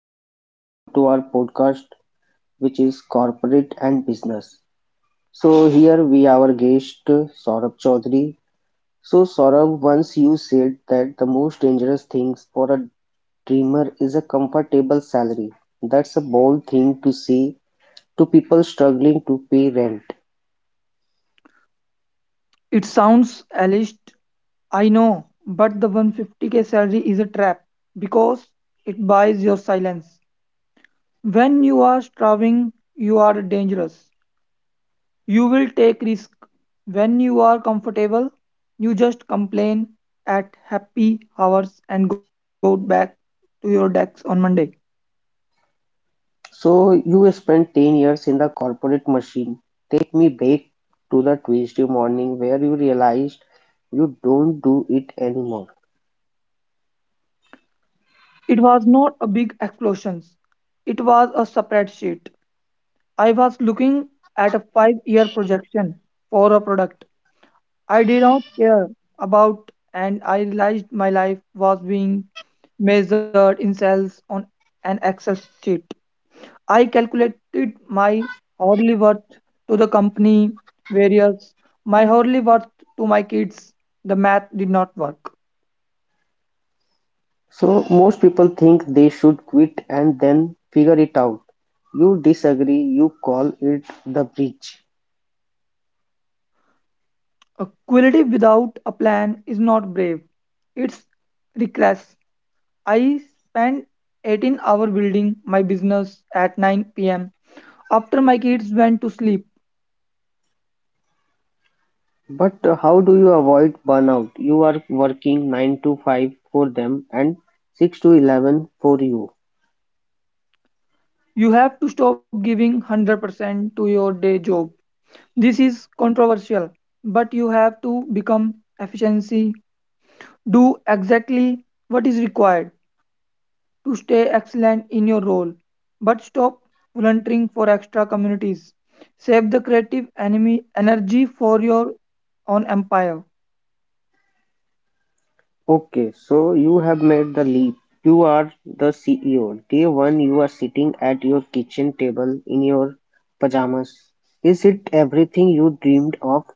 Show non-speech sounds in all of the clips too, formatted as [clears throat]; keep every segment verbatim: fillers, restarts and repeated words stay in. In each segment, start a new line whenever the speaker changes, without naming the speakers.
guys, welcome to our podcast, which is Corporate and Business. So, here we have our guest Saurabh Chaudhary. So, Saurabh, once you said that the most dangerous things for a dreamer is a comfortable salary. That's a bold thing to say to people struggling to pay rent.
It sounds alleged, I know, but the one fifty k salary is a trap because it buys your silence. When you are starving, you are dangerous. You will take risk. When you are comfortable, you just complain at happy hours and go back to your decks on Monday.
So, you spent ten years in the corporate machine. Take me back to the Tuesday morning where you realized you don't do it anymore.
It was not a big explosion. It was a spreadsheet. I was looking at a five year projection for a product I did not care about, and I realized my life was being measured in cells on an Excel sheet. I calculated my hourly worth to the company, various my hourly worth to my kids. The math did not work.
So most people think they should quit and then figure it out. You disagree, you call it the bridge.
A quality without a plan is not brave. It's reckless. I spent eighteen hours building my business at nine p m after my kids went to sleep.
But uh, how do you avoid burnout? You are working nine to five for them and six to eleven for you.
You have to stop giving one hundred percent to your day job. This is controversial, but you have to become efficiency, do exactly what is required to stay excellent in your role, but stop volunteering for extra communities. Save the creative enemy energy for your own empire.
Okay, so you have made the leap. You are the C E O. Day one you are sitting at your kitchen table in your pajamas. Is it everything you dreamed of?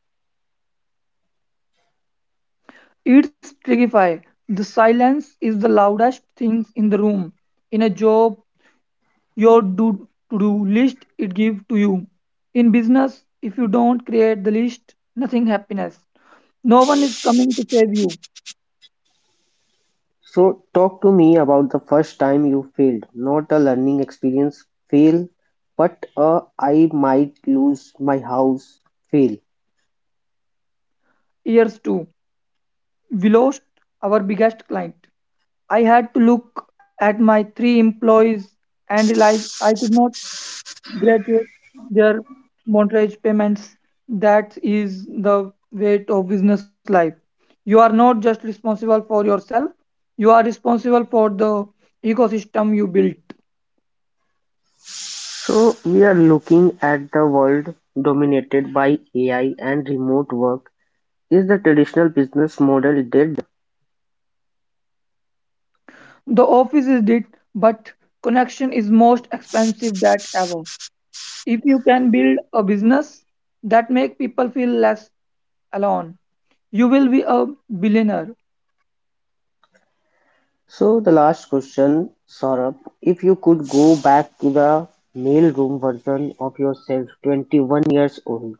It's terrifying. The silence is the loudest thing in the room. In a job your do to do list it give to you. In business if you don't create the list nothing happiness, no one is coming to save you.
So talk to me about the first time you failed. Not a learning experience fail, but a I might lose my house fail.
Years too, we lost our biggest client. I had to look at my three employees and realize I could not graduate their mortgage payments. That is the weight of business life. You are not just responsible for yourself, you are responsible for the ecosystem you built.
So we are looking at the world dominated by A I and remote work. Is the traditional business model dead?
The office is dead, but connection is most expensive that ever. If you can build a business that make people feel less alone, you will be a billionaire.
So the last question, Saurabh, if you could go back to the mailroom version of yourself, twenty-one years old,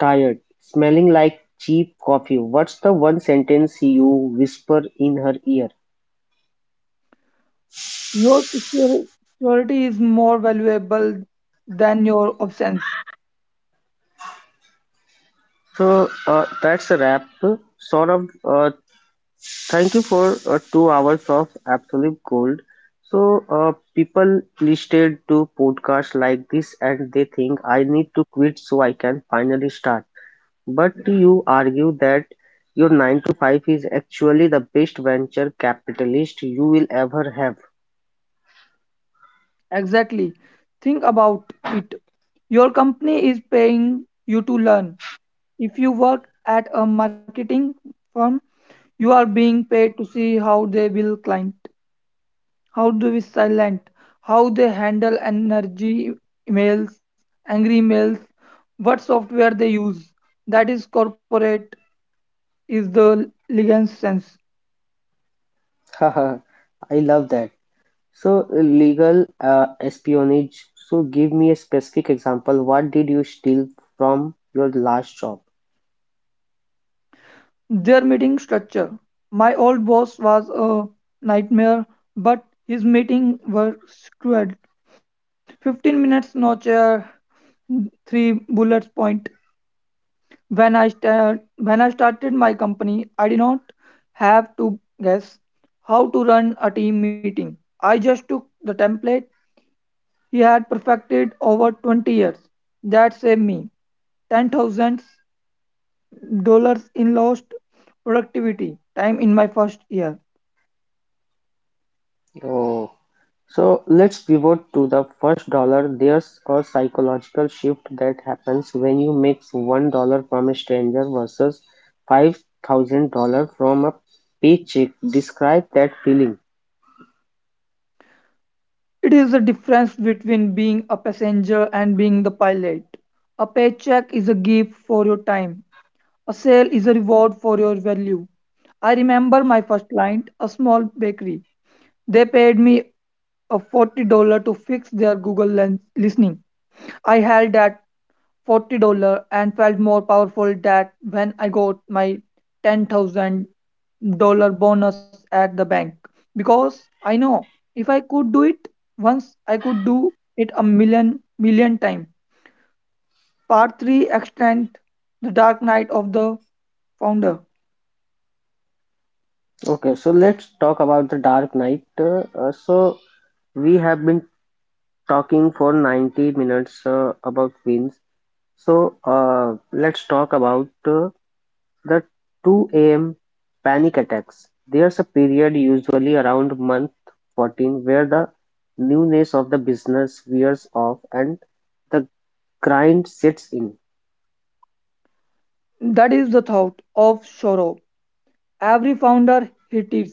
tired, smelling like cheap coffee, what's the one sentence you whisper in her ear?
Your secur- Security is more valuable than your absence.
So uh, that's a wrap. Saurabh, uh, thank you for uh, two hours of absolute gold. So uh, people listed to podcasts like this and they think I need to quit so I can finally start. But you argue that your nine-to-five is actually the best venture capitalist you will ever have.
Exactly. Think about it. Your company is paying you to learn. If you work at a marketing firm, you are being paid to see how they will climb. How do we silent, how they handle energy emails, angry emails, what software they use. That is corporate is the legal sense.
[laughs] Haha, I love that. So, legal uh, espionage. So, give me a specific example. What did you steal from your last job?
Their meeting structure. My old boss was a nightmare, but his meeting were screwed. fifteen minutes, no chair, three bullet point. When I sta- when I started my company, I did not have to guess how to run a team meeting. I just took the template he had perfected over twenty years. That saved me ten thousand dollars in lost productivity time in my first year.
Oh. So let's pivot to the first dollar. There's a psychological shift that happens when you mix one dollar from a stranger versus five thousand dollar from a paycheck. Describe that feeling.
It is the difference between being a passenger and being the pilot. A paycheck is a gift for your time. A sale is a reward for your value. I remember my first client, a small bakery. They paid me a forty dollars to fix their Google lens listening. I held that forty dollars and felt more powerful that when I got my ten thousand dollars bonus at the bank. Because I know if I could do it once, I could do it a million, million times. Part three, Extend the Dark Night of the Founder.
Okay, so let's talk about the Dark Knight. Uh, uh, so we have been talking for ninety minutes uh, about films. So uh, let's talk about uh, the two am panic attacks, there's a period usually around month fourteen where the newness of the business wears off and the grind sets in.
That is the thought of sorrow. Every founder hit it.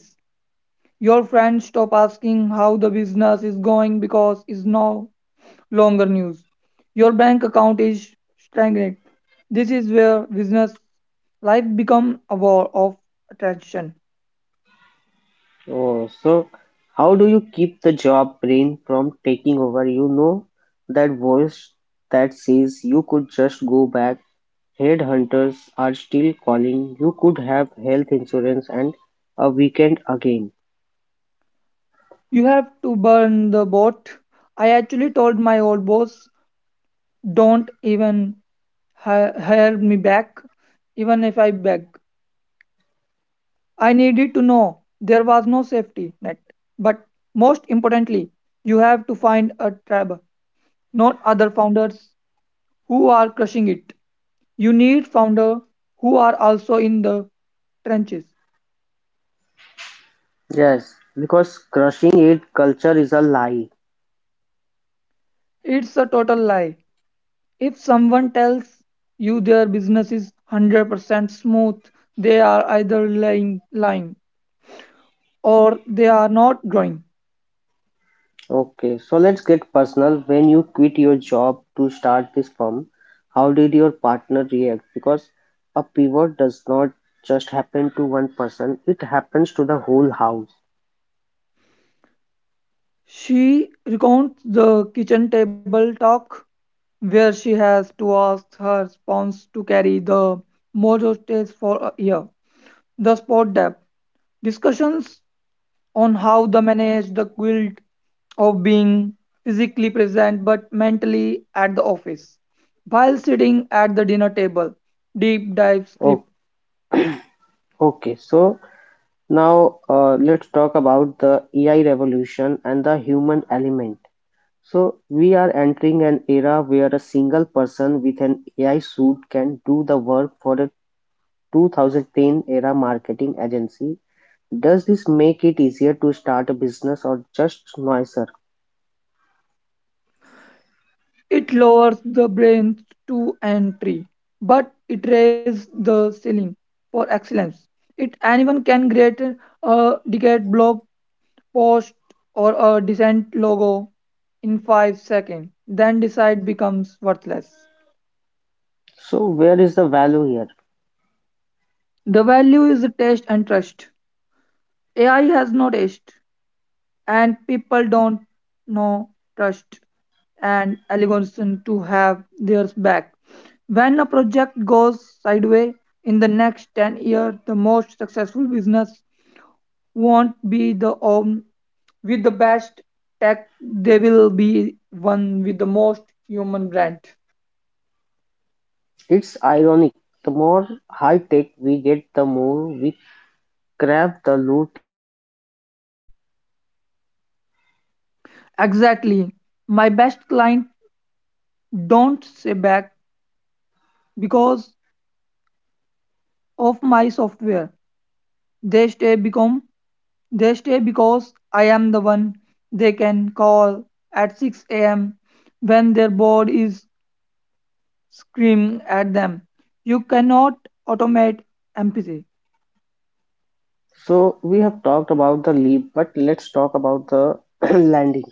Your friends stop asking how the business is going because it's no longer news. Your bank account is stagnant. This is where business life become a war of attraction.
Oh, so how do you keep the job brain from taking over? You know that voice that says you could just go back. Headhunters are still calling. You could have health insurance and a weekend again.
You have to burn the boat. I actually told my old boss, don't even hi- hire me back, even if I beg. I needed to know there was no safety net. But most importantly, you have to find a tribe, not other founders who are crushing it. You need founders who are also in the trenches.
Yes, because crushing it culture is a lie.
It's a total lie. If someone tells you their business is one hundred percent smooth, they are either lying, lying or they are not growing.
Okay, so let's get personal. When you quit your job to start this firm, how did your partner react? Because a pivot does not just happen to one person, it happens to the whole house.
She recounts the kitchen table talk where she has to ask her spouse to carry the mojo stage for a year. The sport depth discussions on how to manage the guilt of being physically present but mentally at the office while sitting at the dinner table. Deep dive
Oh,
script.
okay, so now uh, let's talk about the A I revolution and the human element. So, we are entering an era where a single person with an A I suit can do the work for a two-thousand-ten-era marketing agency, does this make it easier to start a business or just noisier?
It lowers the brain's to entry, but it raises the ceiling for excellence. It anyone can create a decade block post, or a decent logo in five seconds, then decide becomes worthless.
So where is the value here?
The value is taste and trust. A I has no taste, and people don't know trust and algorithm to have theirs back. When a project goes sideways in the next ten years, the most successful business won't be the one with the best tech, they will be one with the most human brand.
It's ironic. The more high tech we get, the more we crave the low tech connection.
Exactly. My best client don't stay back because of my software. They stay become they stay because I am the one they can call at six a m when their board is screaming at them. You cannot automate empathy.
So we have talked about the leap, but let's talk about the [clears throat] landing.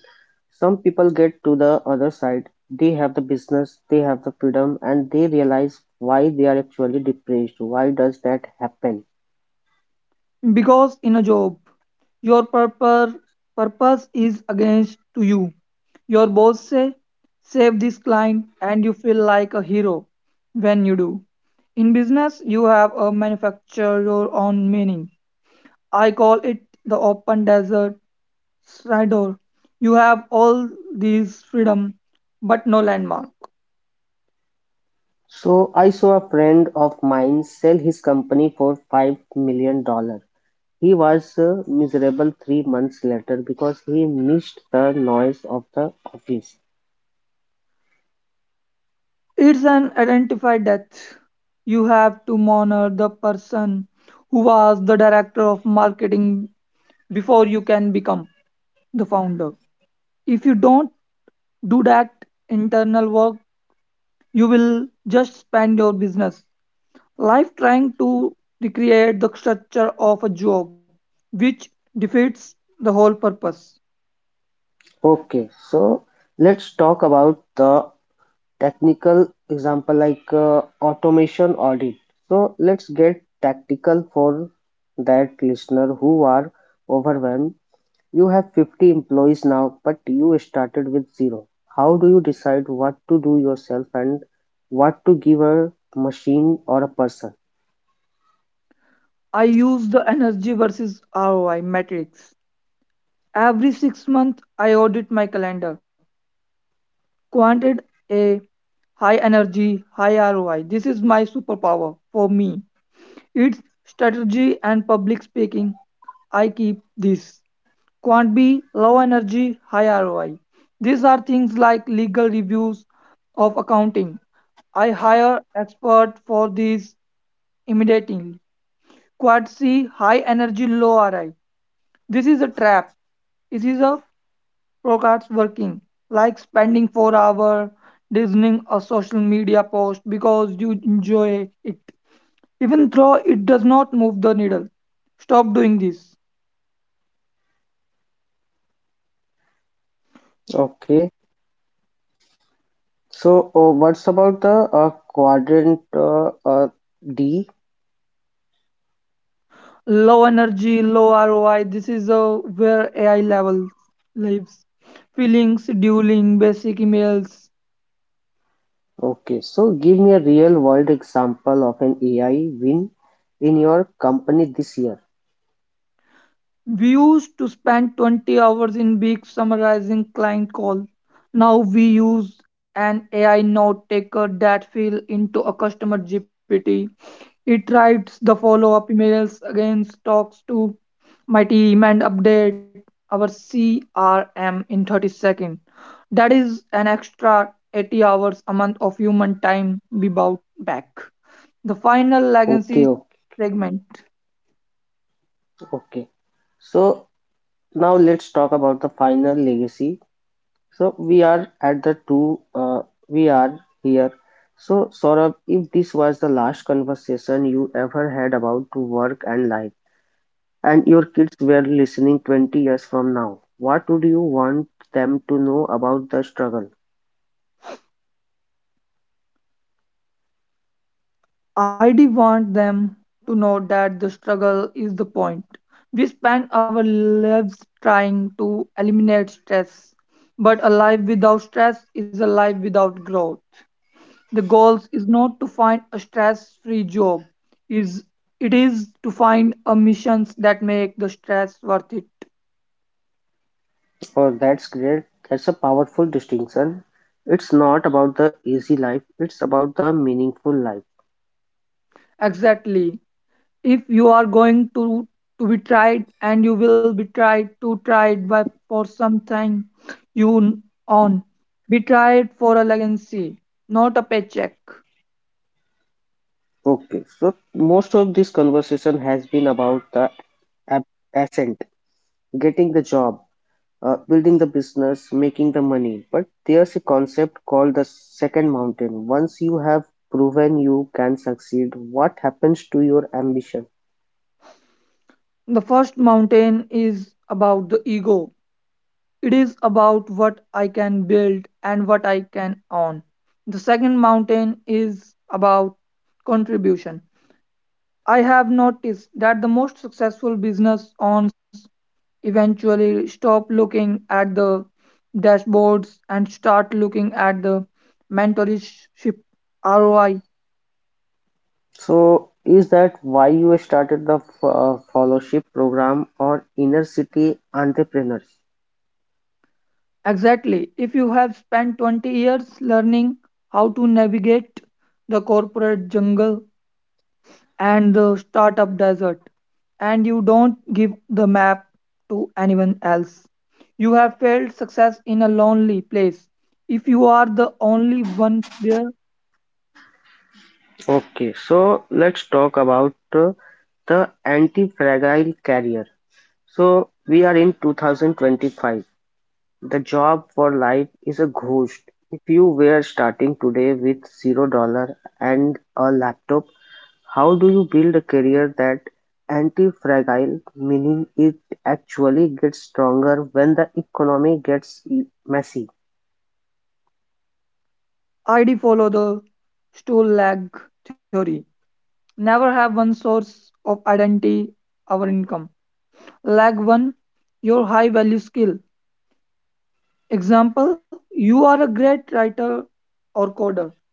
Some people get to the other side. They have the business, they have the freedom, and they realize why they are actually depressed. Why does that happen?
Because in a job, your purpose, purpose is against to you. Your boss say, save this client and you feel like a hero when you do. In business, you have a manufacture your own meaning. I call it the open desert corridor. You have all these freedom, but no landmark.
So I saw a friend of mine sell his company for five million dollar. He was uh, miserable three months later because he missed the noise of the office.
It's an identified death. You have to honor the person who was the director of marketing before you can become the founder. If you don't do that internal work, you will just spend your business life trying to recreate the structure of a job, which defeats the whole purpose.
Okay, so let's talk about the technical example like uh, automation audit. So let's get tactical for that listener who are overwhelmed. You have fifty employees now, but you started with zero. How do you decide what to do yourself and what to give a machine or a person?
I use the energy versus R O I matrix. Every six months, I audit my calendar. Quanted a high energy, high R O I. This is my superpower for me. It's strategy and public speaking, I keep this. Quant B, low energy, high R O I. These are things like legal reviews of accounting. I hire expert for these immediately. Quad C, high energy, low R O I. This is a trap. This is a procrastination working, like spending four hours designing a social media post because you enjoy it, even though it does not move the needle. Stop doing this.
Okay. So, uh, what's about the uh, quadrant uh, uh, D?
Low energy, low R O I. This is uh, where A I level lives. Feelings, dueling, basic emails.
Okay, so give me a real world example of an A I win in your company this year.
We used to spend twenty hours in week summarizing client call. Now we use an A I note taker that fill into a customer G P T. It writes the follow-up emails, again talks to my team and update our C R M in thirty seconds. That is an extra eighty hours a month of human time we bought back. The final
Okay,
legacy
okay,
segment.
okay. So now let's talk about the final legacy. So we are at the two, uh, we are here. So Saurabh, if this was the last conversation you ever had about to work and life, and your kids were listening twenty years from now, what would you want them to know about the struggle?
I do want them to know that the struggle is the point. We spend our lives trying to eliminate stress, but a life without stress is a life without growth. The goal is not to find a stress-free job, is it is to find a missions that make the stress worth it.
Oh, that's great. That's a powerful distinction. It's not about the easy life, it's about the meaningful life.
Exactly. If you are going to to be tried, and you will be tried, to tried by for something you n- own, be tried for a legacy, not a paycheck.
Okay, so most of this conversation has been about the ab- ascent, getting the job, uh, building the business, making the money. But there's a concept called the second mountain. Once you have proven you can succeed, what happens to your ambition?
The first mountain is about the ego. It is about what I can build and what I can own. The second mountain is about contribution. I have noticed that the most successful business owners eventually stop looking at the dashboards and start looking at the mentorship R O I.
So, is that why you started the f- uh, fellowship program or inner city entrepreneurs?
Exactly. If you have spent twenty years learning how to navigate the corporate jungle, and the startup desert, and you don't give the map to anyone else, you have failed. Success in a lonely place, if you are the only one there.
Okay, so let's talk about uh, the anti fragile career. So, we are in two thousand twenty-five. The job for life is a ghost. If you were starting today with zero dollar and a laptop, how do you build a career that anti-fragile, meaning it actually gets stronger when the economy gets e- messy?
ID follow the stool lag theory. Never have one source of identity or income. Lag one, your high value skill. Example, you are a great writer or coder.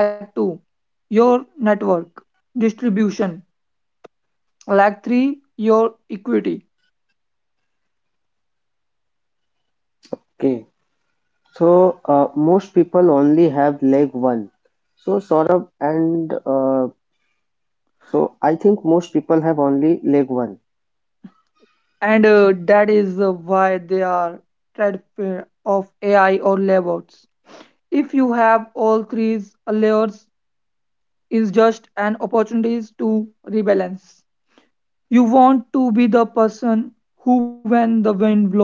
Lag two, your network distribution. Like three, your equity.
Okay, so uh, most people only have leg one. So Saurabh and uh, so I think most people have only leg one.
And uh, that is uh, why they are trade fair of AI or layouts. If you have all three layers, is just an opportunities to rebalance. You want to be the person who, when the wind blow,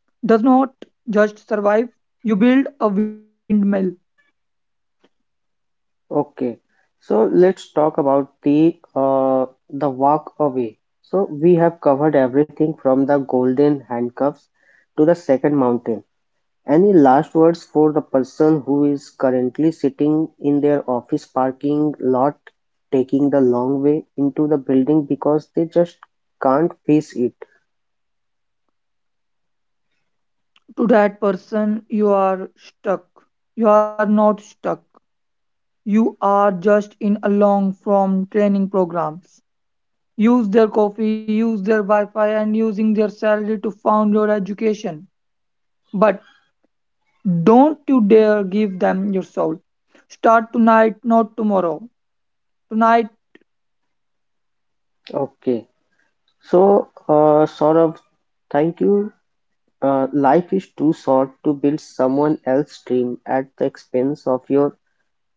does not just survive, you build a windmill.
Okay, so let's talk about the uh, the walk away. So we have covered everything from the golden handcuffs to the second mountain. Any last words for the person who is currently sitting in their office parking lot, taking the long way into the building because they just can't face it?
To that person, you are stuck. You are not stuck, you are just in a long form training programs. Use their coffee, use their Wi-Fi, and using their salary to fund your education. But don't you dare give them your soul. Start tonight, not tomorrow. Tonight,
Okay, so uh, Saurabh, thank you. Uh, life is too short to build someone else's dream at the expense of your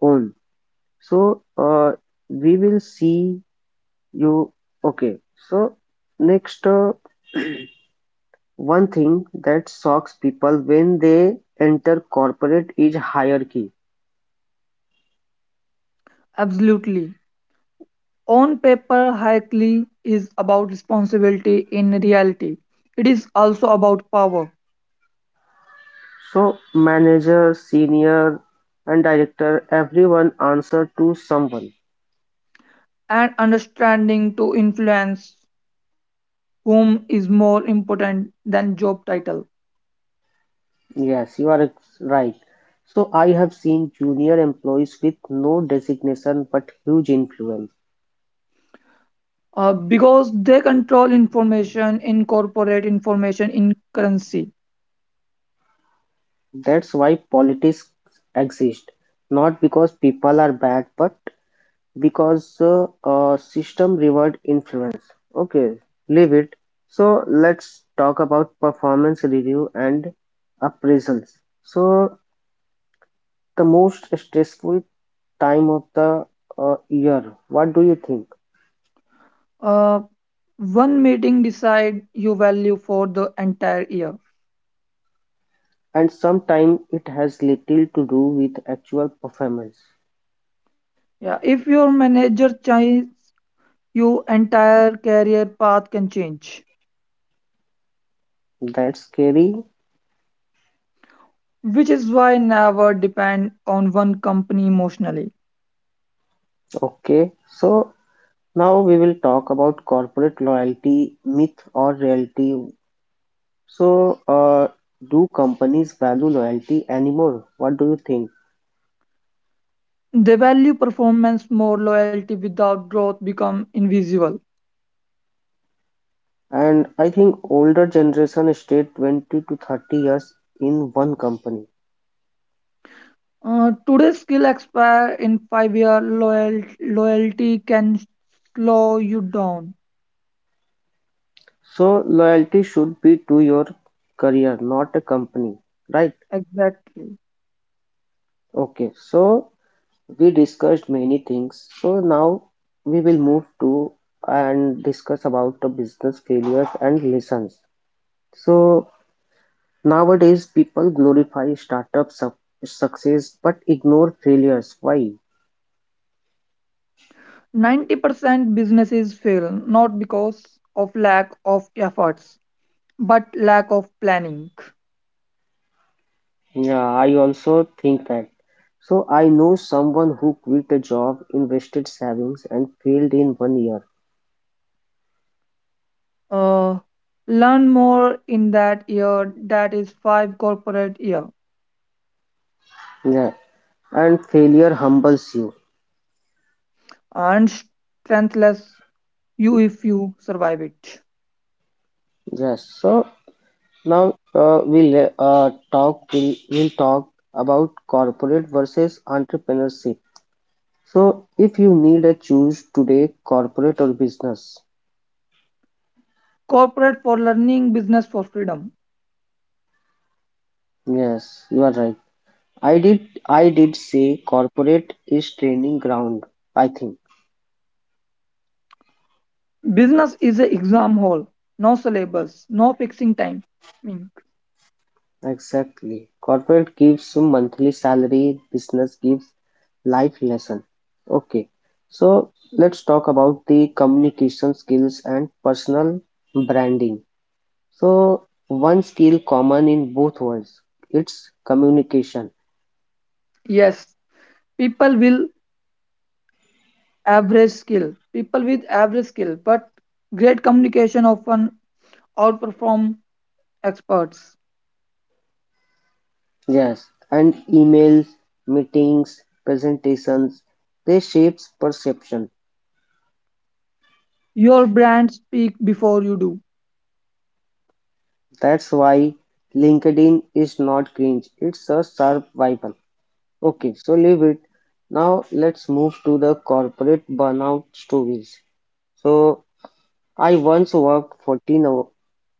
own. So uh, we will see you. Okay. So next uh, one thing that shocks people when they enter corporate is hierarchy.
absolutely. On paper, Hackley is about responsibility in reality. It is also about power,
So manager, senior, and director, everyone answer to someone.
and understanding to influence whom is more important than job title.
Yes, you are ex- right. So I have seen junior employees with no designation but huge influence.
Uh, because they control information, incorporate information in currency.
That's why politics exist, not because people are bad, but because uh, uh, system reward influence. Okay, leave it. So let's talk about performance review and appraisals. So the most stressful time of the uh, year. What do you think?
Uh, One meeting decide your value for the entire year.
And sometimes it has little to do with actual performance.
Yeah, if your manager changes, your entire career path can change,
That's scary.
which is why never depend on one company emotionally.
Okay, so now we will talk about corporate loyalty myth or reality. So, uh, do companies value loyalty anymore? What do you think?
They value performance more, loyalty without growth become invisible.
And I think older generation stayed twenty to thirty years in one company.
Uh, today's skill expire in five year. Loyal, loyalty can slow you down.
So, loyalty should be to your career, not a company, right?
Exactly.
Okay, so we discussed many things. So now we will move to and discuss about the business failures and lessons. So nowadays people glorify startup suc success but ignore failures. Why?
ninety percent businesses fail not because of lack of efforts, but lack of planning.
Yeah, I also think that. So I know someone who quit a job, invested savings, and failed in one year.
Uh, Learn more in that year, that is five corporate year,
Yeah, and failure humbles you.
and strengthless you if you survive it.
Yes. So now uh, we'll uh, talk. We'll, we'll talk about corporate versus entrepreneurship. So if you need a choose today, corporate or business.
Corporate for learning, business for freedom.
Yes, you are right. I did I did say corporate is training ground, I think.
Business is a exam hall, no syllabus, no fixing time. Mm.
Exactly. Corporate gives you monthly salary, business gives life lesson. Okay. So let's talk about the communication skills and personal branding. So one skill common in both worlds, it's communication.
Yes, people will average skill, people with average skill, but great communication often outperform experts.
Yes, and emails, meetings, presentations, they shapes perception.
Your brand speak before you do.
That's why LinkedIn is not cringe. It's a survival. Okay, so leave it. Now let's move to the corporate burnout stories. So I once worked fourteen hou-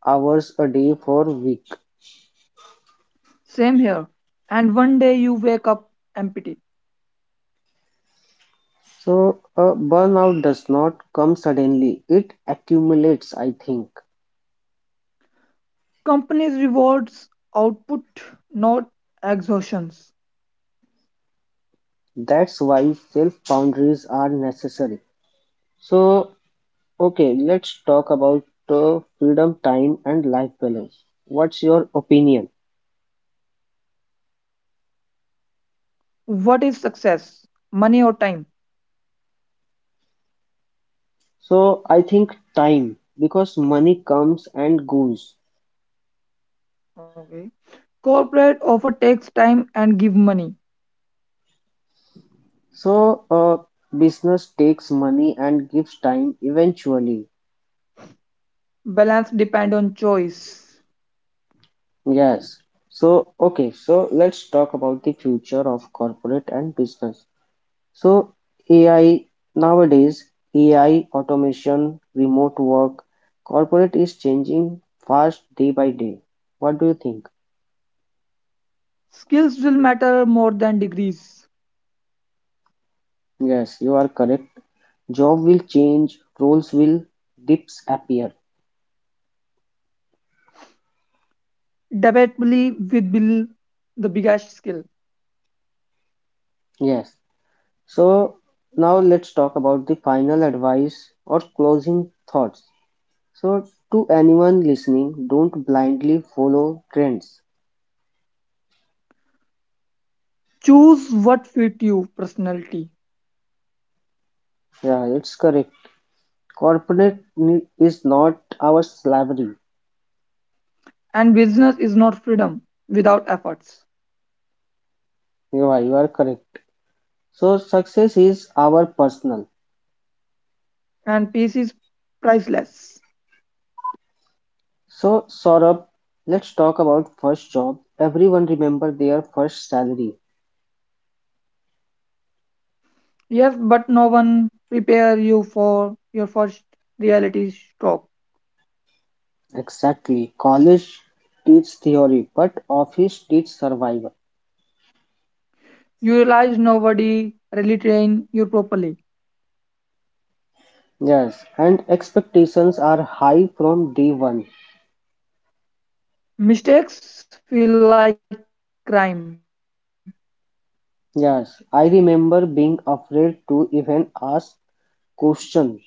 hours a day for a week.
Same here. And one day you wake up empty.
So uh, burnout does not come suddenly. It accumulates, I think.
Companies rewards output, not exhaustions.
That's why self boundaries are necessary. So okay, let's talk about uh, freedom, time, and life balance. What's your opinion?
What is success? Money or time?
So I think time, because money comes and goes.
Okay. Corporate offer takes time and give money.
So a business takes money and gives time eventually.
Balance depend on choice.
Yes. So okay, so let's talk about the future of corporate and business. So A I nowadays, A I, automation, remote work, corporate is changing fast day by day. What do you think?
Skills will matter more than degrees.
Yes, you are correct. Job will change, roles will dips appear.
Debatably with Bill the biggest skill.
Yes. So now let's talk about the final advice or closing thoughts. So to anyone listening, don't blindly follow trends.
Choose what fit you personality.
Yeah, it's correct. Corporate ne- is not our slavery.
And business is not freedom without efforts.
Yeah, you are correct. So success is our personal.
And peace is priceless.
So Saurabh, let's talk about first job. Everyone remember their first salary.
Yes, but no one prepare you for your first reality stroke.
Exactly. College teach theory, but office teach survival.
You realize nobody really train you properly.
Yes, and expectations are high from day one.
Mistakes feel like crime.
Yes, I remember being afraid to even ask question.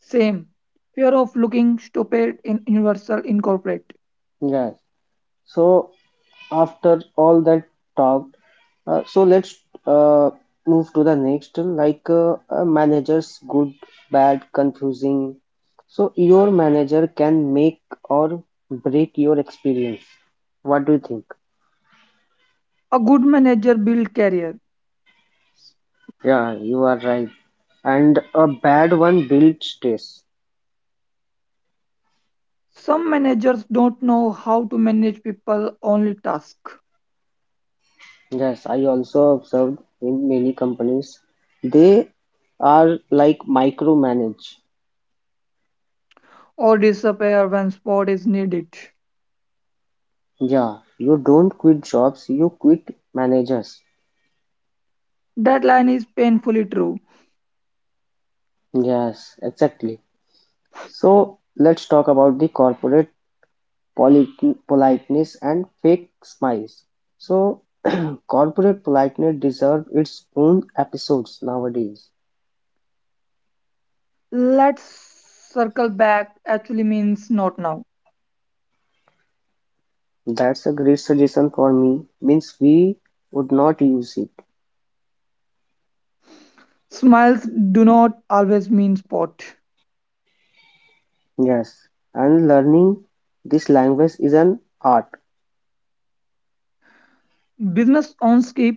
Same. Fear of looking stupid in Universal Incorporate.
Yes, so after all that talk, uh, so let's uh, move to the next, like uh, a manager's good, bad, confusing. So your manager can make or break your experience. What do you think?
A good manager build career.
Yeah, you are right. And a bad one builds stress.
Some managers don't know how to manage people, only task,
Yes, I also observed in many companies, they are like micromanage.
or disappear when support is needed.
Yeah, you don't quit jobs, you quit managers.
That line is painfully true.
Yes, exactly. So let's talk about the corporate polit- politeness and fake smiles. So corporate politeness deserves its own episodes nowadays.
Let's circle back actually means not now.
That's a great suggestion for me. Means we would not use it.
Smiles do not always mean spot.
Yes, and learning this language is an art.
Business owners skip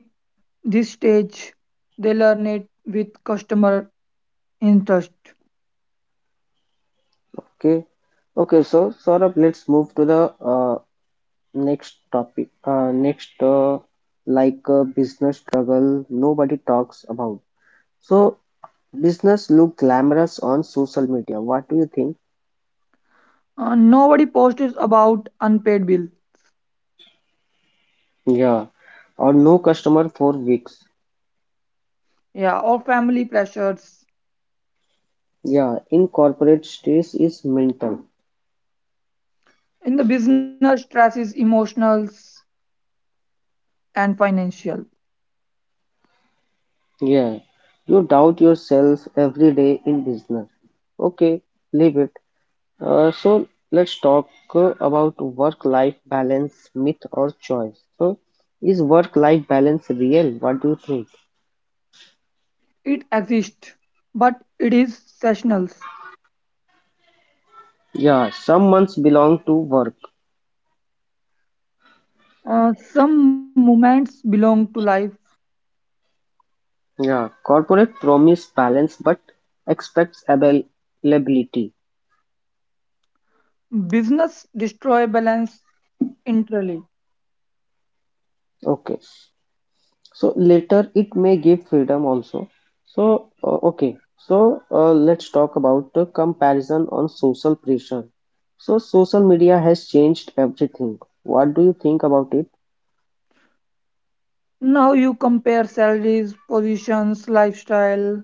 this stage. They learn it with customer interest.
Okay, okay. So Saurabh, let's move to the uh, next topic. Uh, next, uh, like uh, business struggle nobody talks about. So business look glamorous on social media. What do you think?
Uh, nobody posts about unpaid bill,
Yeah, or no customer for weeks.
yeah, or family pressures.
Yeah, in corporate stress is mental.
In the business, stress is emotional and financial.
Yeah, you doubt yourself every day in business. Okay, leave it. Uh, so let's talk uh, about work-life balance myth or choice. So is work-life balance real? What do you think?
It exists, but it is seasonal.
Yeah, some months belong to work.
Uh, some moments belong to life.
Yeah, corporate promise balance but expects availability.
Business destroy balance entirely.
Okay, so later it may give freedom also. So uh, okay, so uh, let's talk about the comparison on social pressure. So social media has changed everything. What do you think about it?
Now you compare salaries, positions, lifestyle.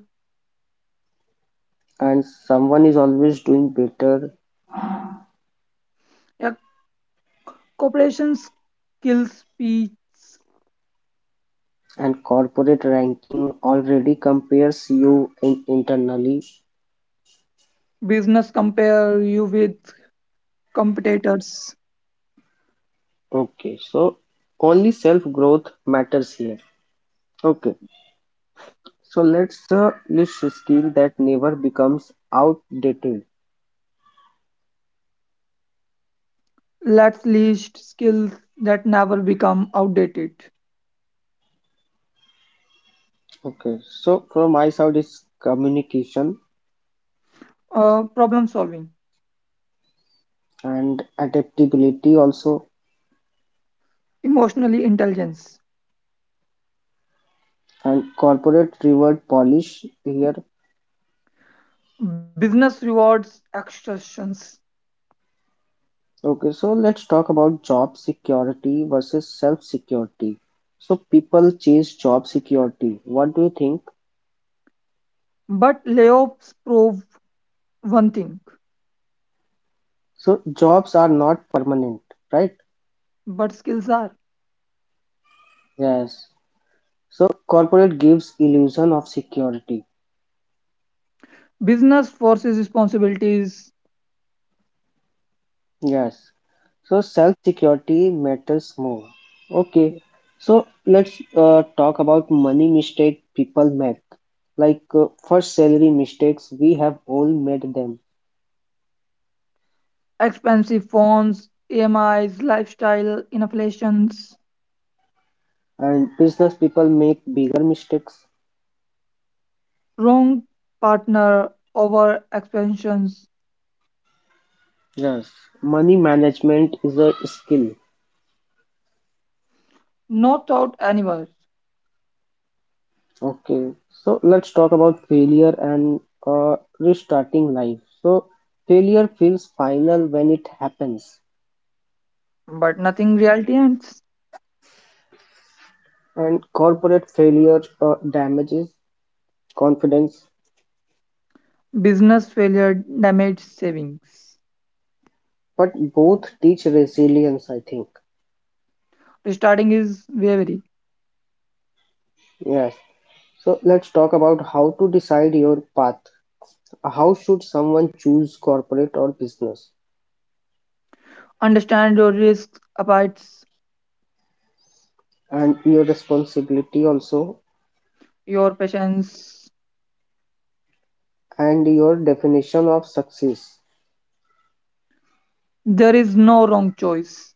And someone is always doing better.
Yeah, corporations kill speech.
And corporate ranking already compares you in internally.
Business compare you with competitors.
Okay, so only self growth matters here. Okay, so let's uh, list skill that never becomes outdated.
Let's list skills that never become outdated.
Okay, so from my side is communication.
Uh, problem solving,
And adaptability also.
emotionally intelligence,
And corporate reward polish here.
business rewards extortions.
Okay, so let's talk about job security versus self-security. So people chase job security. What do you think?
But layoffs prove one thing,
So jobs are not permanent, right?
but skills are
Yes. So corporate gives illusion of security.
business forces responsibilities,
Yes. So self-security matters more. Okay. So let's uh, talk about money mistake people make. Like uh, first salary mistakes, we have all made them.
expensive phones, E M Is, lifestyle inflations,
And business people make bigger mistakes.
wrong partner, over expansions,
Yes, money management is a skill.
no thought anywhere,
Okay, so let's talk about failure and uh, restarting life. So, failure feels final when it happens,
but nothing reality ends.
and corporate failure uh, damages confidence,
Business failure damage savings.
but both teach resilience, I think.
Restarting is wavy.
Yes, so let's talk about how to decide your path. How should someone choose corporate or business?
Understand your risks, abides
And your responsibility also,
your patience.
and your definition of success.
There is no wrong choice.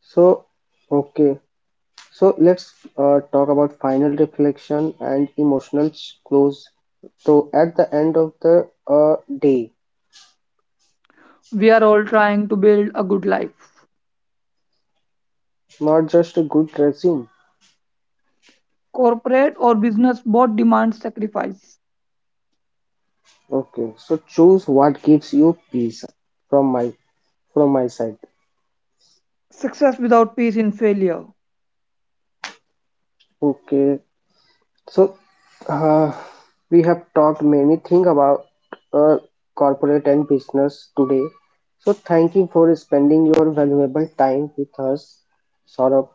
So, okay, so let's uh, talk about final reflection and emotional ch- close. So, at the end of the uh, day,
We are all trying to build a good life.
not just a good resume.
Corporate or business both demand sacrifice.
Okay, so choose what gives you peace from my from my side.
Success without peace in failure.
Okay, so uh, we have talked many things about uh, corporate and business today. So thank you for spending your valuable time with us, Saurabh.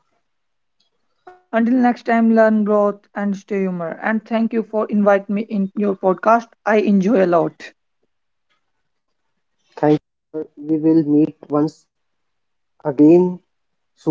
Until next time, learn growth and stay humor. And thank you for inviting me in your podcast. I enjoy a lot.
Thank you sir, we will meet once again soon.